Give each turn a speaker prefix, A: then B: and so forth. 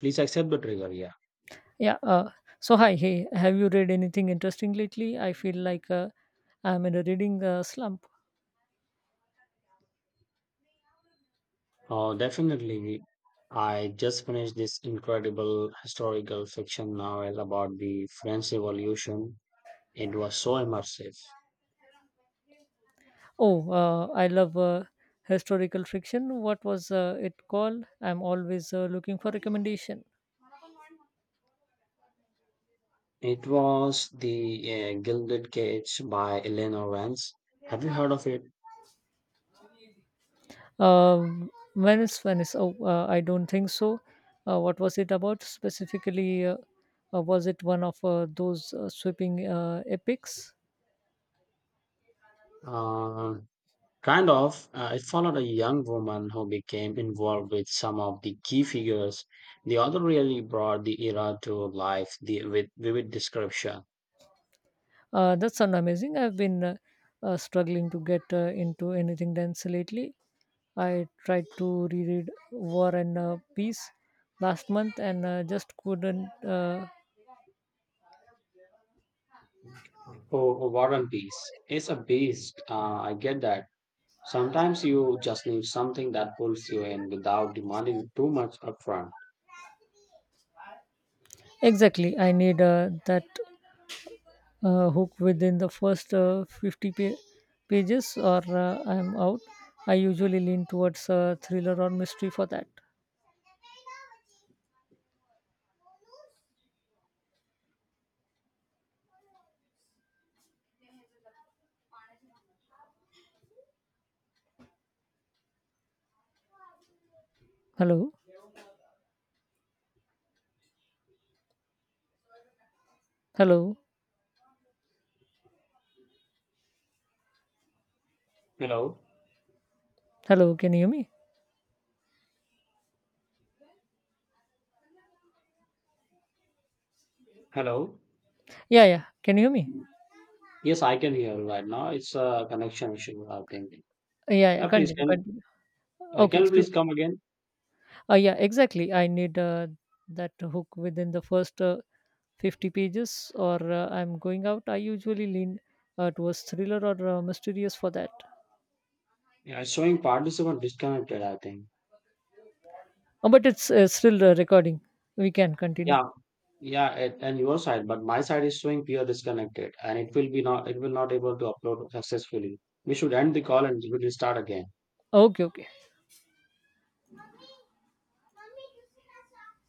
A: Please accept the trigger, yeah.
B: Yeah. So hi, hey, have you read anything interesting lately? I feel like I'm in a reading slump.
A: Oh, definitely. I just finished this incredible historical fiction novel about the French Revolution. It was so immersive.
B: Oh, I love historical fiction. What was it called? I'm always looking for recommendation.
A: It was The Gilded Cage by Eleanor Vance. Have you heard of it?
B: Venice, Venice. Oh, I don't think so. What was it about specifically? Was it one of those sweeping epics?
A: Uh, Kind of. It followed a young woman who became involved with some of the key figures. The author really brought the era to life with vivid description.
B: That sounds amazing. I've been struggling to get into anything dense lately. I tried to reread War and Peace last month and just couldn't.
A: Oh, oh, War and Peace is a beast. I get that. Sometimes you just need something that pulls you in without demanding too much upfront.
B: Exactly. I need that hook within the first 50 pages or I'm out. I usually lean towards thriller or mystery for that. Hello? Hello?
A: Hello?
B: Hello? Can you hear me?
A: Hello?
B: Yeah, yeah. Can you hear me?
A: Yes, I can hear you right now. It's a connection issue, I think.
B: Yeah, yeah.
A: Please,
B: Continue, continue. Okay,
A: can you
B: so
A: please come again?
B: uh, yeah, exactly. I need that hook within the first 50 pages, or I'm going out. I usually lean towards thriller or mysterious for that.
A: Yeah, it's showing participant disconnected, I think.
B: But it's still recording. We can continue.
A: Yeah, yeah, and your side, but my side is showing peer disconnected, and it will be not. It will not able to upload successfully. We should end the call and we will start again.
B: Okay, okay.